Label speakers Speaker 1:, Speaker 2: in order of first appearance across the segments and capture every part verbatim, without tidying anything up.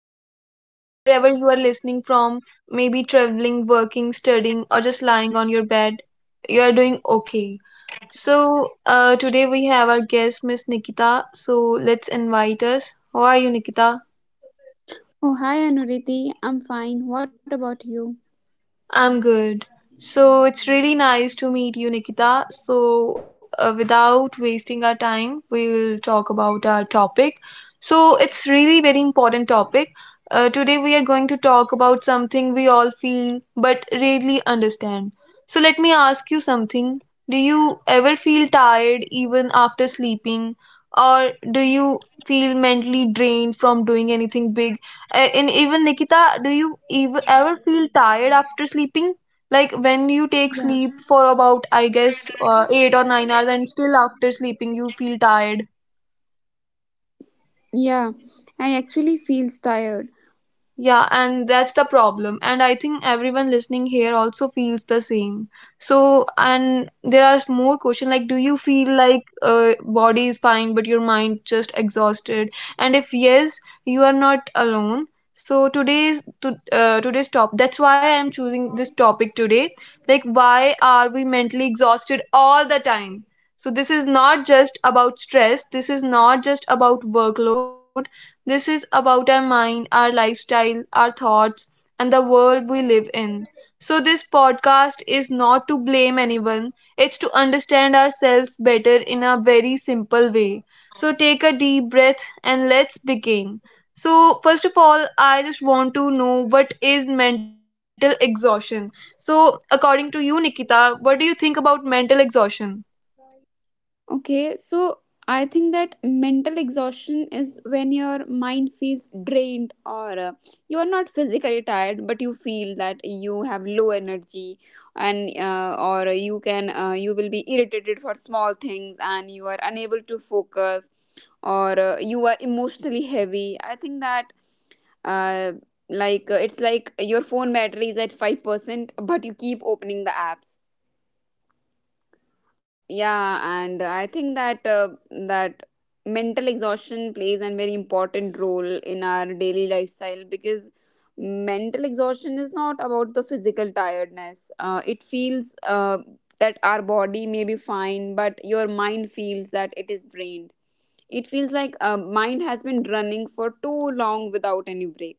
Speaker 1: I hope wherever you are listening from, maybe traveling, working, studying, or just lying on your bed, you are doing okay. So, uh, today we have our guest, Miss Nikita. So, let's invite us. How are you, Nikita?
Speaker 2: Oh, hi Anuriti. I'm fine. What about you?
Speaker 1: I'm good. So it's really nice to meet you, Nikita. So, uh, without wasting our time, we will talk about our topic. So, it's really very important topic. Uh, today we are going to talk about something we all feel but rarely understand. So, let me ask you something. Do you ever feel tired even after sleeping, or do you feel mentally drained from doing anything big? Uh, and even Nikita, do you ev- ever feel tired after sleeping? Like when you take
Speaker 2: Yeah.
Speaker 1: sleep for about, I guess, uh, eight or nine hours, and still after sleeping you feel tired.
Speaker 2: Yeah, I actually feels tired.
Speaker 1: Yeah, and that's the problem. And I think everyone listening here also feels the same. So, and there are more questions like, do you feel like uh, body is fine, but your mind just exhausted? And if yes, you are not alone. So today's to, uh, today's top. That's why I am choosing this topic today. Like, why are we mentally exhausted all the time? So this is not just about stress. This is not just about workload. This is about our mind, our lifestyle, our thoughts, and the world we live in. So, this podcast is not to blame anyone, it's to understand ourselves better in a very simple way. So, take a deep breath and let's begin. So, first of all, I just want to know what is mental exhaustion. So, according to you, Nikita, what do you think about mental exhaustion?
Speaker 2: Okay, so I think that mental exhaustion is when your mind feels drained or uh, you are not physically tired, but you feel that you have low energy and uh, or you can uh, you will be irritated for small things and you are unable to focus or uh, you are emotionally heavy. I think that uh, like uh, it's like your phone battery is at five percent but you keep opening the apps, yeah, and I think that uh, that mental exhaustion plays a very important role in our daily lifestyle because mental exhaustion is not about the physical tiredness. Uh, it feels uh, that our body may be fine, but your mind feels that it is drained. It feels like uh, mind has been running for too long without any break.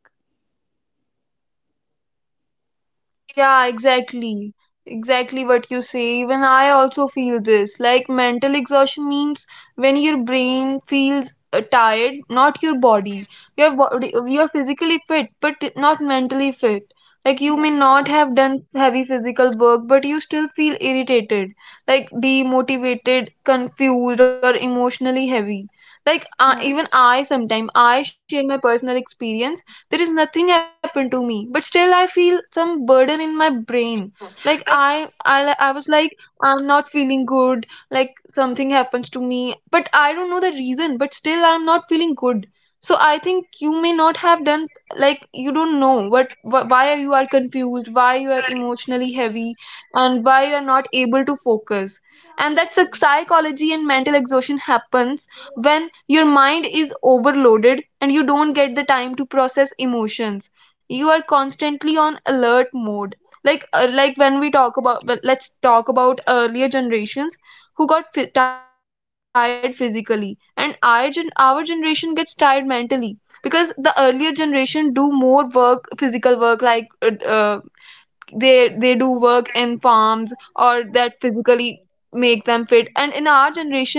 Speaker 1: Yeah, exactly. Exactly what you say. Even I also feel this. Like mental exhaustion means when your brain feels uh, tired, not your body. Your body, you're physically fit, but not mentally fit. Like you may not have done heavy physical work, but you still feel irritated, like demotivated, confused, or emotionally heavy. Like uh,
Speaker 2: Yeah.
Speaker 1: even I sometimes I share my personal experience. There is nothing happened to me, but still I feel some burden in my brain. Like i i, I was like, I'm not feeling good. Like something happens to me, but I don't know the reason, but still I'm not feeling good. So I think you may not have done, like you don't know what wh- why you are confused, why you are emotionally heavy, and why you are not able to focus. And that psychology and mental exhaustion happens when your mind is overloaded and you don't get the time to process emotions. You are constantly on alert mode. Like uh, like when we talk about, well, let's talk about earlier generations who got f- tired physically, and our, gen- our generation gets tired mentally, because the earlier generation do more work physical work like uh, uh, they they do work in farms, or that physically make them fit. And in our generation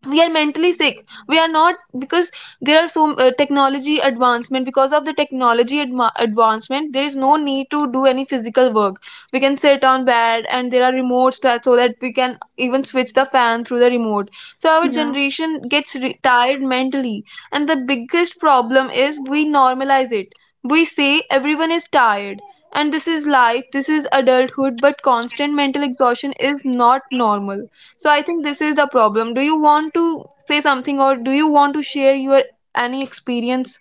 Speaker 1: we are mentally sick, we are not, because there are so uh, technology advancement. Because of the technology adma advancement there is no need to do any physical work. We can sit on bed and there are remotes that so that we can even switch the fan through the remote. So our generation gets re- tired mentally. And the biggest problem is we normalize it. We say everyone is tired, and this is life, this is adulthood. But constant mental exhaustion is not normal. So I think this is the problem. Do you want to say something, or do you want to share your any experience?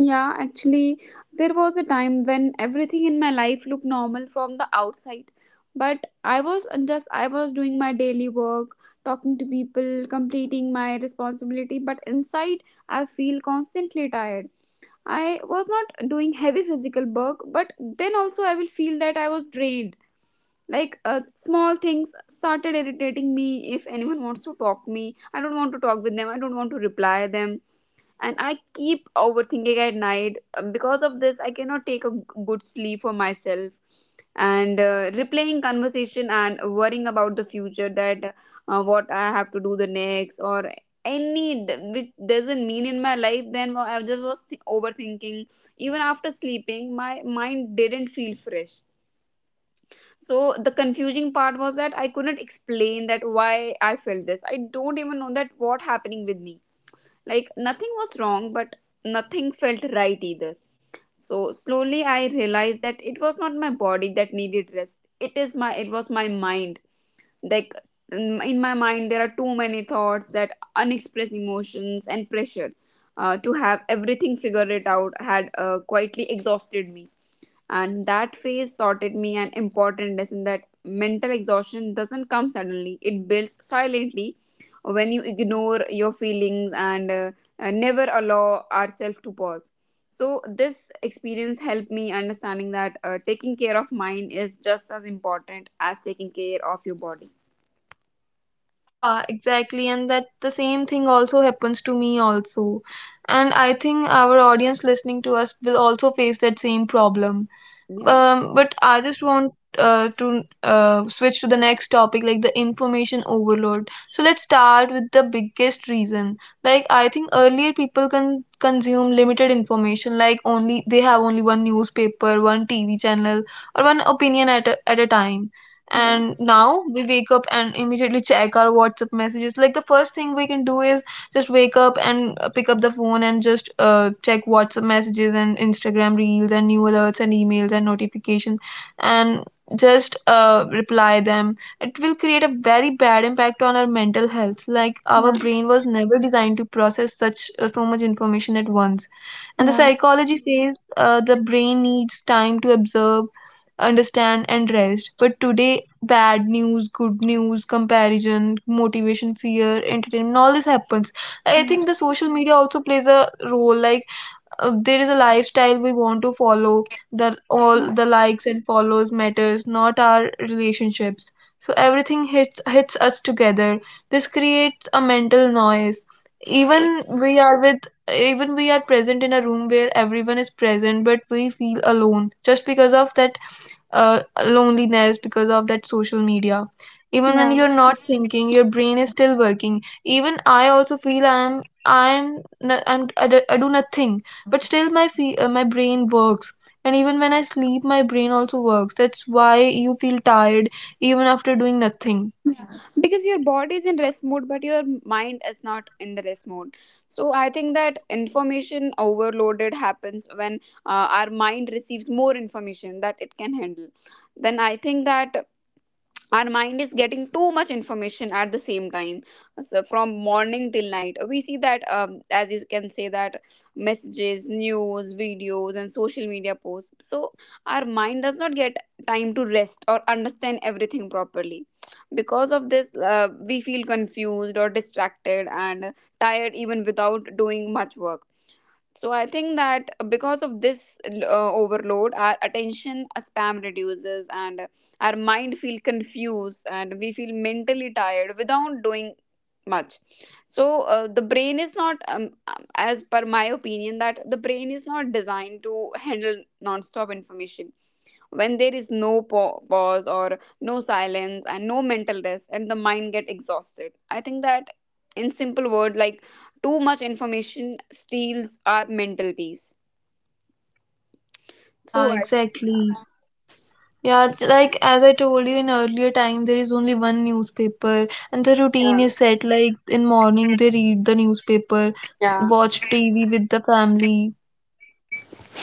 Speaker 2: Yeah, actually, there was a time when everything in my life looked normal from the outside. But I was uh, just, I was doing my daily work, talking to people, completing my responsibility. But inside, I feel constantly tired. I was not doing heavy physical work, but then also I will feel that I was drained. Like uh, small things started irritating me. If anyone wants to talk me, I don't want to talk with them. I don't want to reply them, and I keep overthinking at night. Um, Because of this, I cannot take a g- good sleep for myself. And uh, replaying conversation and worrying about the future, that uh, what I have to do the next, or any d- which doesn't mean in my life, then I just was thi- overthinking. Even after sleeping, my mind didn't feel fresh. So the confusing part was that I couldn't explain that why I felt this. I don't even know that what happening with me. Like, nothing was wrong, but nothing felt right either. So slowly I realized that it was not my body that needed rest. It is my it was my mind. Like, in in my mind there are too many thoughts, that unexpressed emotions and pressure uh, to have everything figured it out had uh, quietly exhausted me. And that phase taught it me an important lesson, that mental exhaustion doesn't come suddenly, it builds silently when you ignore your feelings and uh, uh, never allow ourselves to pause. So, this experience helped me understanding that uh, taking care of mind is just as important as taking care of your body.
Speaker 1: Yeah, exactly. And that the same thing also happens to me also. And I think our audience listening to us will also face that same problem.
Speaker 2: Yeah,
Speaker 1: Um, but I just want uh, to uh, switch to the next topic, like the information overload. So let's start with the biggest reason. Like I think earlier people can consume limited information, like only they have only one newspaper, one T V channel, or one opinion at a, at a time.
Speaker 2: yeah,
Speaker 1: And now we wake up and immediately check our WhatsApp messages. Like the first thing we can do is just wake up and uh, pick up the phone and just uh, check WhatsApp messages and Instagram reels and new alerts and emails and notifications and just uh, reply them. It will create a very bad impact on our mental health. Like our
Speaker 2: yeah,
Speaker 1: brain was never designed to process such uh, so much information at once. And the
Speaker 2: yeah,
Speaker 1: psychology says uh, the brain needs time to observe, understand, and rest. But today, bad news, good news, comparison, motivation, fear, entertainment, all this happens. I think the
Speaker 2: yeah,
Speaker 1: social media also plays a role. Like uh, there is a lifestyle we want to follow. That
Speaker 2: yeah.
Speaker 1: all the likes and follows matters, not our relationships. So everything hits hits us together. This creates a mental noise. Even we are with, Even we are present in a room where everyone is present, but we feel alone just because of that uh, loneliness, because of that social media. Even when
Speaker 2: Yeah.
Speaker 1: you're not thinking your brain is still working. Even I also feel, I'm I'm no- I'm I do I do nothing, but still my fe- uh, my brain works. And even when I sleep my brain also works. That's why you feel tired even after doing nothing.
Speaker 2: Because your body is in rest mode but your mind is not in the rest mode. So I think that information overloaded happens when uh, our mind receives more information that it can handle. Then I think that our mind is getting too much information at the same time. So from morning till night we see that, um, as you can say, that messages, news, videos and social media posts, so our mind does not get time to rest or understand everything properly. Because of this, uh, we feel confused or distracted and tired even without doing much work. So I think that because of this uh, overload, our attention span reduces, and our mind feel confused and we feel mentally tired without doing much. So uh, the brain is not um, um, as per my opinion, that the brain is not designed to handle non-stop information. When there is no pa- pause or no silence and no mental rest, and the mind get exhausted, I think that, in simple word, like, too much information steals our mental peace.
Speaker 1: Yeah,
Speaker 2: so I,
Speaker 1: exactly. Yeah, it's like as I told you in earlier time, there is only one newspaper, and the
Speaker 2: yeah,
Speaker 1: routine is set. Like in morning, they read the newspaper,
Speaker 2: yeah.
Speaker 1: watch T V with the family.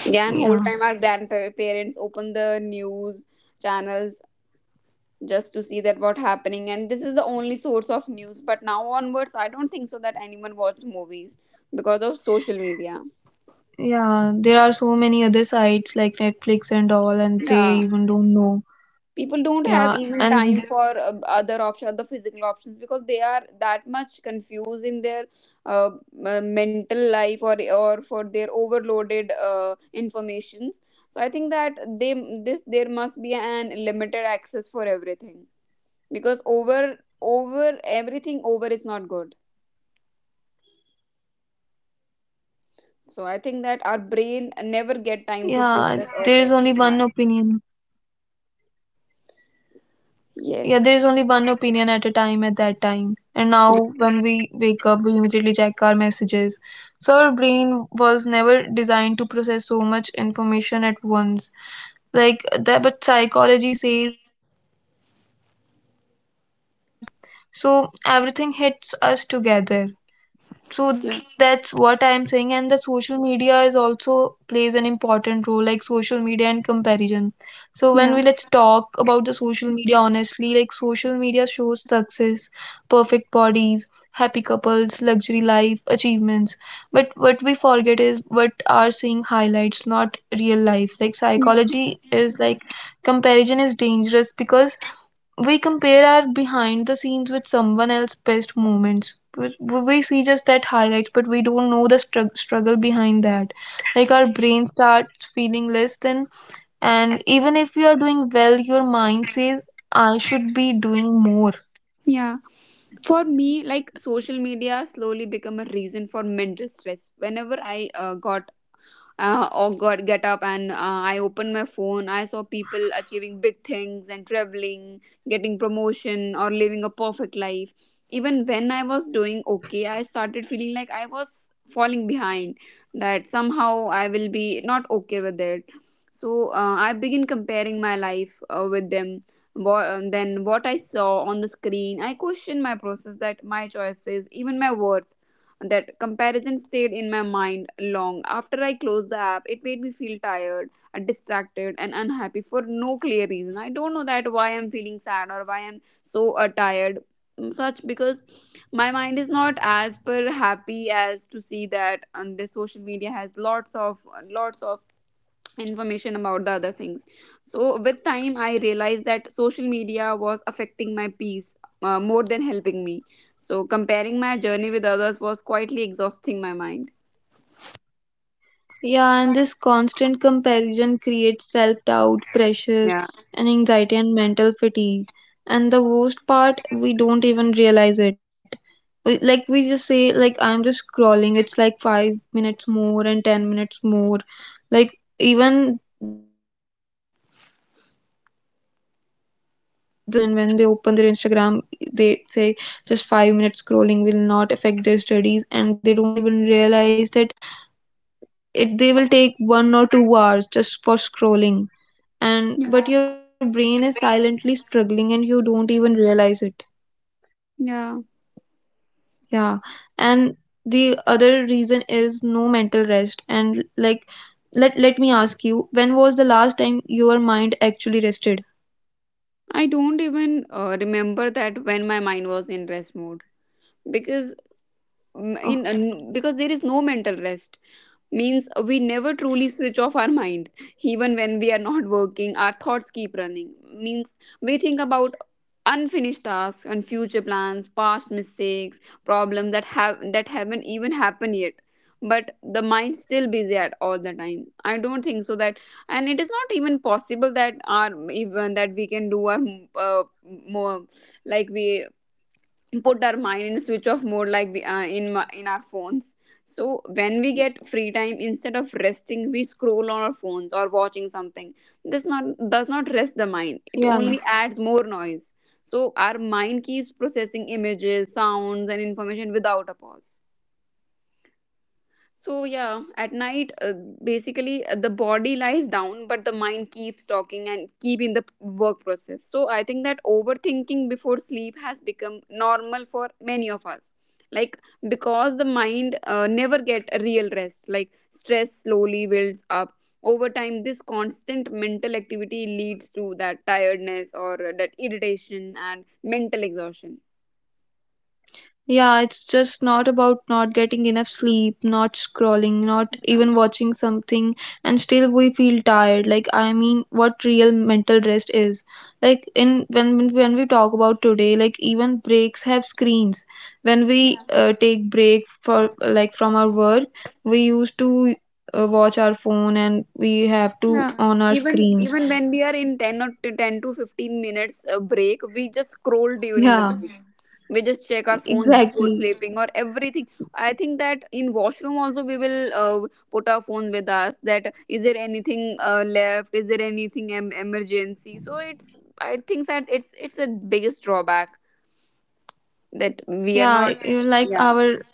Speaker 2: Yeah, and whole
Speaker 1: Yeah,
Speaker 2: time our grandparents open the news channels just to see that what happening, and this is the only source of news. But now onwards, I don't think so that anyone watch movies because of social media.
Speaker 1: yeah. There are so many other sites like Netflix and all, and they
Speaker 2: Yeah,
Speaker 1: even don't know.
Speaker 2: people don't
Speaker 1: Yeah,
Speaker 2: have
Speaker 1: and
Speaker 2: even time for uh, other option, the physical options, because they are that much confused in their uh, uh, mental life, or or for their overloaded uh, informations. So I think that they this there must be an limited access for everything, because over over
Speaker 1: yeah, there is
Speaker 2: everything,
Speaker 1: only,
Speaker 2: over is not good. So I think that our
Speaker 1: yeah,
Speaker 2: brain
Speaker 1: there is
Speaker 2: never
Speaker 1: only
Speaker 2: get time
Speaker 1: one
Speaker 2: to process
Speaker 1: opinion.
Speaker 2: or rest. Yeah.
Speaker 1: Yeah, there is only one
Speaker 2: Yes.
Speaker 1: opinion at a time at that time, and now when we wake up we immediately check our messages. So our brain was never designed to process so much information at once. Like that, but psychology says, like, the brain needs time to observe, as I told you earlier. So everything hits us together.
Speaker 2: Yeah,
Speaker 1: So that's what I'm saying. And the social media is also plays an important role, like social media and comparison. So
Speaker 2: yeah,
Speaker 1: when we let's talk about the social media honestly, like social media shows success, perfect bodies, happy couples, luxury life, achievements. But what we forget is what are seeing highlights, not real life. Like
Speaker 2: yeah,
Speaker 1: psychology is like comparison is dangerous, because we compare our behind the scenes with someone else's best moments. We we see just that highlights, but we don't know the strug- struggle behind that. Like our brain starts feeling less than, and even if you are doing well, your mind says, I should be doing more.
Speaker 2: yeah. For me, like, social media slowly become a reason for mental stress. Whenever I uh, got uh, or got get up and uh, I opened my phone, I saw people achieving big things and traveling, getting promotion, or living a perfect life. Even when I was doing okay, I started feeling like I was falling behind, that somehow I will be not okay with it. So uh, I begin comparing my life uh, with them. What, um, then, what I saw on the screen, I questioned my process, that my choices, even my worth. That comparison stayed in my mind long after I closed the app. It made me feel tired, uh, distracted, and unhappy for no clear reason. I don't know that why I'm feeling sad or why I'm so uh, tired. mm, Such because my mind is not as per happy as to see that, um, the social media has lots of lots of information about the other things. So with time I realized that social media was affecting my peace uh, more than helping me. So comparing my journey with others was quietly exhausting my mind.
Speaker 1: Yeah, and this constant comparison creates self doubt, pressure,
Speaker 2: Yeah.
Speaker 1: and anxiety and mental fatigue. And the worst part, we don't even realize it. We- Like we just say, like, I'm just scrolling. It's like five minutes more and ten minutes more. Like even the st- students nowadays, when they are studying, they just check their notification, and when they open their Instagram, they say just five minutes scrolling will not affect their studies, and they don't even realize that it they will take one or two hours just for scrolling. And
Speaker 2: Yeah,
Speaker 1: but your brain is silently struggling and you don't even realize it.
Speaker 2: yeah.
Speaker 1: Yeah. And the other reason is no mental rest. And like, let let me ask you, when was the last time your mind actually rested?
Speaker 2: I don't even uh, remember that when my mind was in rest mode, because, mm, in uh,
Speaker 1: Oh.
Speaker 2: n- because there is no mental rest, means we never truly switch off our mind. Even when we are not working, our thoughts keep running, means we think about unfinished tasks and future plans, past mistakes, problems that have that haven't even happened yet. But the mind's still busy at all the time. I don't think so that, and it is not even possible that our, even that we can do our uh, more, like, we put our mind in switch off mode, like we, uh, in my- in our phones. So when we get free time, instead of resting, we scroll on our phones or watching something. This not does not rest the mind, it
Speaker 1: Yeah.
Speaker 2: only adds more noise. So our mind keeps processing images, sounds and information without a pause. So, yeah, at night, uh, basically, uh, the body lies down, but the mind keeps talking and keep in the work process. So I think that overthinking before sleep has become normal for many of us. Like, because the mind uh, never get a real rest. Like, stress slowly builds up over time. This constant mental activity leads to that tiredness or uh, that irritation and mental exhaustion.
Speaker 1: Yeah, it's just not about not getting enough sleep, not scrolling, not even watching something, and still we feel tired. Like, I mean, what real mental rest is. Like, in when when we talk about today, like even breaks have screens. When we uh, take break for like from our work, we used to uh, watch our phone and we have to
Speaker 2: Yeah.
Speaker 1: on our
Speaker 2: Even
Speaker 1: screens.
Speaker 2: even when we are in ten or t- ten to fifteen minutes uh, break, we just scroll during the
Speaker 1: Yeah,
Speaker 2: break. Mhm. We just check our
Speaker 1: e-,
Speaker 2: phones before
Speaker 1: exactly.
Speaker 2: sleeping or everything. I think that in washroom also we will uh, put our phone with us, that is there anything uh, left? Is there anything em- emergency? So it's I think that it's it's a biggest drawback that we are not.
Speaker 1: Yeah, you like
Speaker 2: Yeah.
Speaker 1: our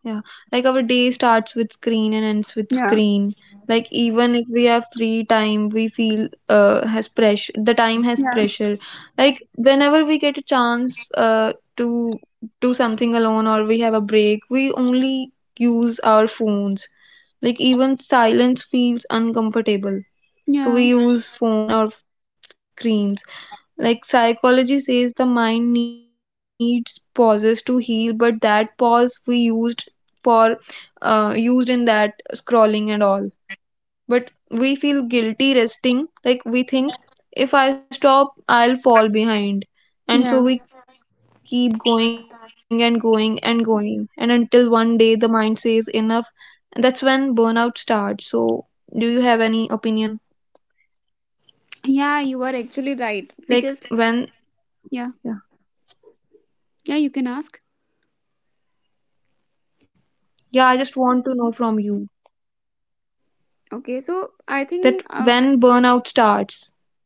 Speaker 1: Yeah, like our day starts with screen and ends with
Speaker 2: Yeah.
Speaker 1: screen. Like even if we have free time, we feel uh has pressure. The time has
Speaker 2: Yeah.
Speaker 1: pressure. Like whenever we get a chance uh to do something alone or we have a break, we only use our phones. Like even silence feels uncomfortable, so
Speaker 2: Yeah.
Speaker 1: we use phone or screens. Like psychology says the mind needs pauses to heal, but that pause we used for uh, used in that scrolling and all. But we feel guilty resting, like we think if I stop, I'll fall behind.
Speaker 2: Yeah.
Speaker 1: And so we keep going and going and going. And until one day the mind says enough, and that's when burnout starts. So, do you have any opinion?
Speaker 2: Yeah, you are actually right because,
Speaker 1: Like,
Speaker 2: yeah.
Speaker 1: when, yeah,
Speaker 2: Yeah, you can ask.
Speaker 1: yeah, I just want to know from you.
Speaker 2: Okay, so I think
Speaker 1: That
Speaker 2: uh,
Speaker 1: when burnout starts.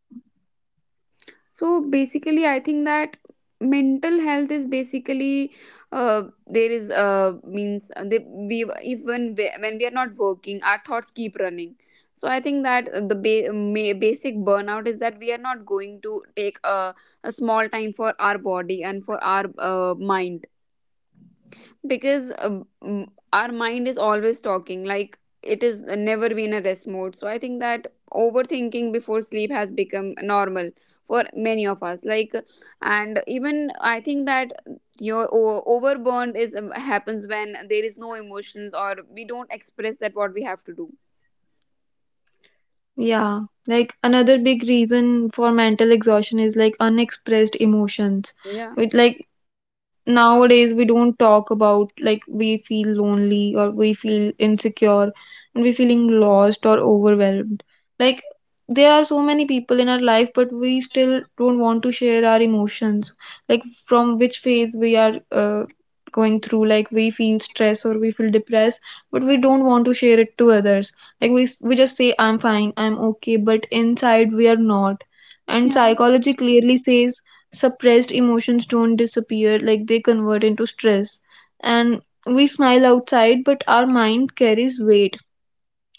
Speaker 2: so basically I think that mental health is basically, uh, there is, uh, means, uh, they, we even we- when we are not working, our thoughts keep running. So I think that uh, the ba- ma- basic burnout is that we are not going to take a, a small time for our body and for our uh, mind, because uh, mm, our mind is always talking, like it is never been a rest mode. So I think that overthinking before sleep has become normal for many of us, like. And even I think that your o- overburn is, um, happens when there is no emotions or we don't express that what we have to do.
Speaker 1: Yeah, like another big reason for mental exhaustion is like unexpressed
Speaker 2: Yeah.
Speaker 1: emotions. With like nowadays we don't talk about, like we feel lonely or we feel insecure and we feeling lost or overwhelmed. Like there are so many people in our life, but we still don't want to share our emotions. Like from which phase we are uh, going through, like we feel stress or we feel depressed, but we don't want to share it to others, like we we just say I'm fine, I'm okay, but inside we are not. And
Speaker 2: Yeah,
Speaker 1: psychology clearly says suppressed emotions don't disappear, like they convert into stress. And we smile outside, but our mind carries weight.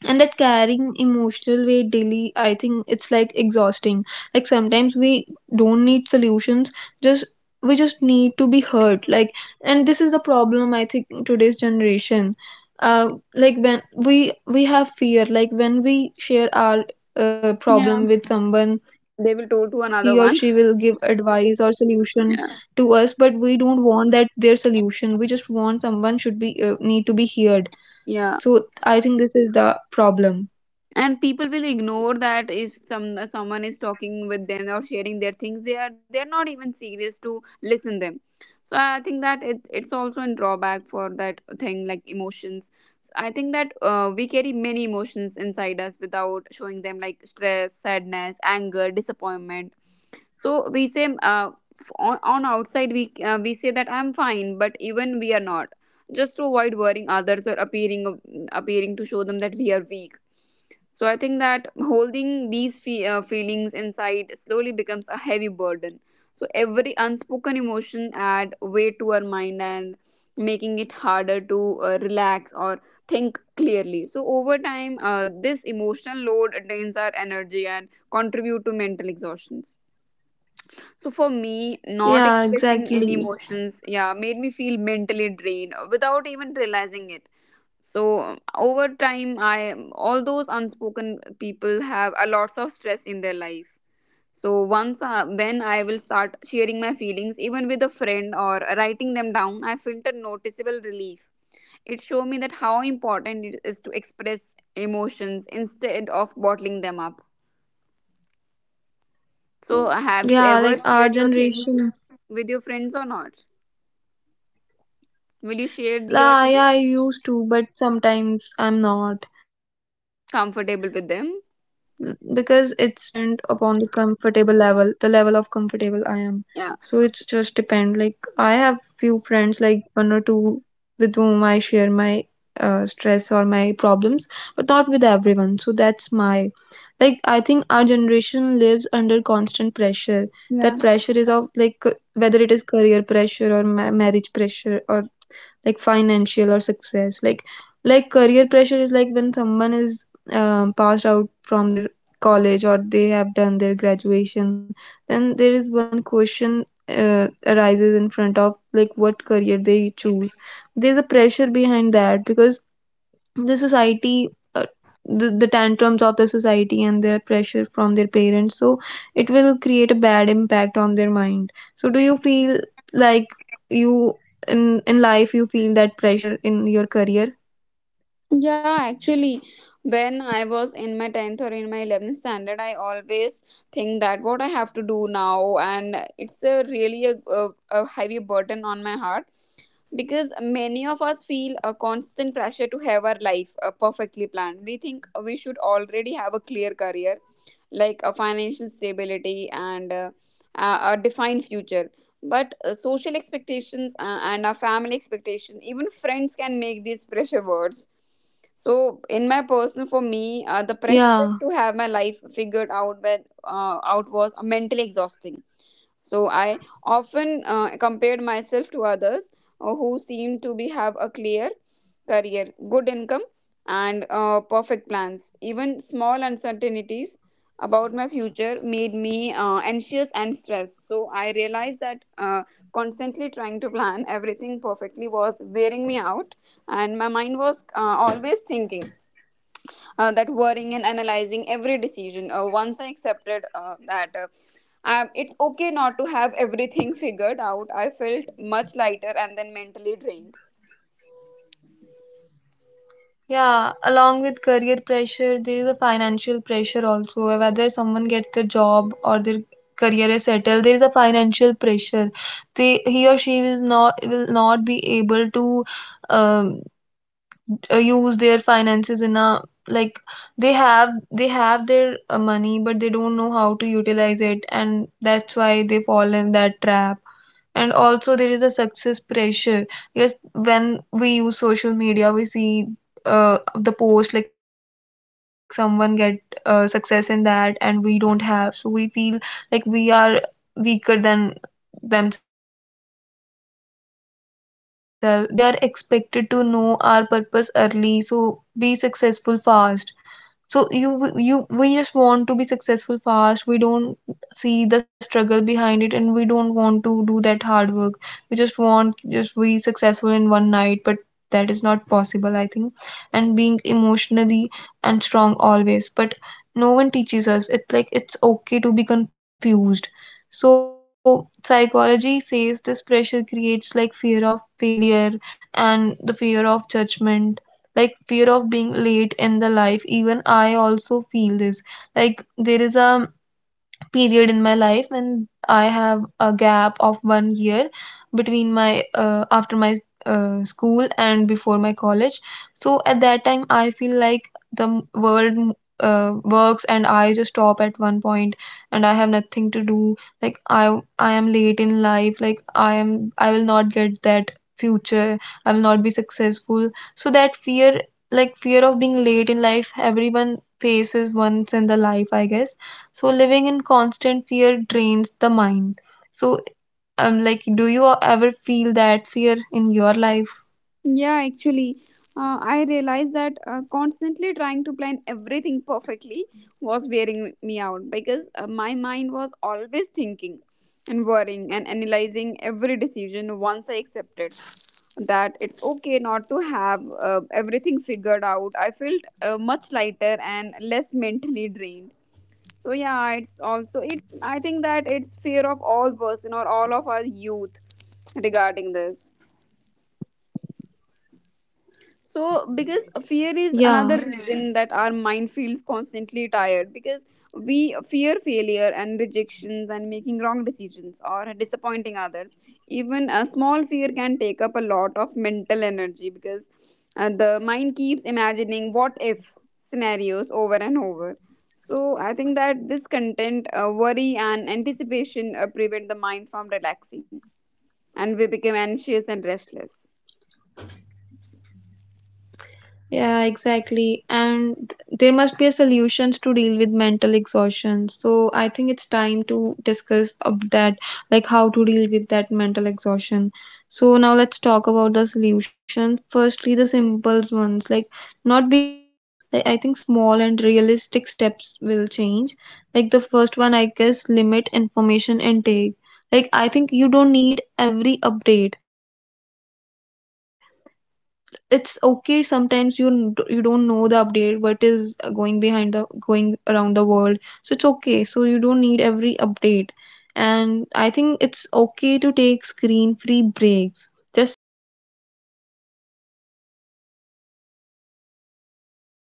Speaker 1: And that carrying emotional weight daily, I think it's like exhausting. Like sometimes we don't need solutions, just we just need to be heard, like. And this is the problem, I think, in today's generation. Uh like when we we have fear, like when we share our uh,
Speaker 2: yeah.
Speaker 1: problem with someone,
Speaker 2: They
Speaker 1: he
Speaker 2: will
Speaker 1: or
Speaker 2: told
Speaker 1: she
Speaker 2: to
Speaker 1: will
Speaker 2: another
Speaker 1: give
Speaker 2: one.
Speaker 1: advice or solution
Speaker 2: Yeah,
Speaker 1: to us, but we don't want that their solution. We just want someone should be, uh, need to be heard.
Speaker 2: yeah,
Speaker 1: So I think this is the problem.
Speaker 2: and people will ignore that if some someone is talking with them or sharing their things, they are, they are not even serious to listen them. So I think that it, it's also a drawback for that thing, like emotions. So I think that uh, we carry many emotions inside us without showing them, like stress, sadness, anger, disappointment. So we say, uh, f- on, on outside we uh, we say that I'm fine, but even we are not, just to avoid worrying others or appearing appearing to show them that we are weak. So I think that holding these fe- uh, feelings inside slowly becomes a heavy burden. So every unspoken emotion add weight to our mind, and making it harder to uh, relax or think clearly. So over time, uh, this emotional load drains our energy and contribute to mental exhaustions. So for me, not
Speaker 1: Yeah,
Speaker 2: expressing any
Speaker 1: exactly.
Speaker 2: emotions, yeah, made me feel mentally drained without even realizing it. So um, over time, I all those unspoken people have a lots of stress in their life. So once, uh, when I will start sharing my feelings, even with a friend, or writing them down, I felt a noticeable relief. It showed me that how important it is to express emotions instead of bottling them up. So have you
Speaker 1: Yeah,
Speaker 2: ever
Speaker 1: like our
Speaker 2: shared your things
Speaker 1: generation.
Speaker 2: with your friends or not? Will you share your
Speaker 1: La, yeah,
Speaker 2: things
Speaker 1: I used to, but sometimes I'm not. Mm, Because it's
Speaker 2: comfortable with them?
Speaker 1: depend upon the comfortable level, the level of comfortable I am. So it's just depend. Like
Speaker 2: Yeah.
Speaker 1: I have few friends, like one or two with whom I share my uh, stress or my problems, but not with everyone. So that's my, like I think our generation lives under constant pressure. That pressure is
Speaker 2: Yeah.
Speaker 1: of, like, c- whether it is career pressure or ma- marriage pressure or like financial or success, like. Like career pressure is like when someone is, um, passed out from their college or they have done their graduation, then there is one question uh, arises in front of, like what career they choose. There's a pressure behind that because the society, uh, the, the tantrums of the society and their pressure from their parents. So it will create a bad impact on their mind. So do you feel like, you in in life you feel that pressure in your career?
Speaker 2: Yeah, actually, when I was in my tenth or in my eleventh standard, I always think that what I have to do now, and it's a really a, a, a heavy burden on my heart, because many of us feel a constant pressure to have our life uh, perfectly planned. We think we should already have a clear career, like a financial stability and uh, a, a defined future. But uh, social expectations uh, and our family expectation, even friends, can make these pressure words. So, in my personal, for me,
Speaker 1: Yeah,
Speaker 2: uh, the pressure to have my life figured out when, uh, out was mentally exhausting. So I often uh, compared myself to others uh, who seemed to be have a clear career, good income, and uh, perfect plans. Even small uncertainties about my future made me uh, anxious and stressed. So I realized that uh, constantly trying to plan everything perfectly was wearing me out, and my mind was uh, always thinking, uh, that, worrying and analyzing every decision. Uh, once I accepted, uh, that, uh, um, it's okay not to have everything figured out, I felt much lighter and then mentally drained.
Speaker 1: yeah, along with career pressure there is a financial pressure also, uh, whether someone gets the job or their career is settled, there is a financial pressure. They, he or she is not, will not be able to, um, uh, use their finances in a, like they have they have their uh, money, but they don't know how to utilize it, and that's why they fall in that trap. And also there is a success pressure. Yes, when we use social media we see, uh, the post like someone get, uh, success in that, and we don't have, so we feel like we are weaker than themselves, them. And that that is, I think, success pressure. And we are expected to know our purpose early, so be successful fast. So you you we just want to be successful fast, we don't see the struggle behind it, and we don't want to do that hard work. We just want just be successful in one night, but that is not possible, I think. And being emotionally and strong always, but no one teaches us. It's like it's okay to be confused. So psychology says this pressure creates like fear of failure and the fear of judgment, like fear of being late in the life. Even I also feel this. Like there is a period in my life when I have a gap of one year between my uh, after my uh, school and before my college. So at that time, I feel like the m- world m- uh, works and I just stop at one point and I have nothing to do. Like I I am late in life. Like I am I will not get that future. I will not be successful. So that fear, like fear of being late in life everyone faces once in the life, I guess. So living in constant fear drains the mind. So um, like, do you ever feel that fear in your life?
Speaker 2: Yeah, actually, uh, I realized that uh, constantly trying to plan everything perfectly was wearing me out, because uh, my mind was always thinking and worrying and analyzing every decision. Once I accepted that it's okay not to have uh, everything figured out, I felt uh, much lighter and less mentally drained. So yeah, it's also it's I think that it's fear of all person or all of our youth regarding this. So, because fear
Speaker 1: Yeah.
Speaker 2: is another reason that our mind feels constantly tired, because we fear failure and rejections and making wrong decisions or disappointing others. Even a small fear can take up a lot of mental energy, because uh, the mind keeps imagining what if scenarios over and over. So, I think that this content, uh, worry, and anticipation uh, prevent the mind from relaxing, and we become anxious and restless.
Speaker 1: Yeah, exactly. And there must be a solutions to deal with mental exhaustion. So I think it's time to discuss of that, like how to deal with that mental exhaustion. So now let's talk about the solution. Firstly, the simple ones, like not big changes. Like I think small and realistic steps will change. Like the first one, I guess, limit information intake. Like I think you don't need every update. It's okay, sometimes you n- d- you don't know the update, what is uh, going behind the going around the world. So it's okay, so you don't need every update. And I think it's okay to take screen free breaks, just sit, breathe, and do nothing. Sit with your dog and share your opinions.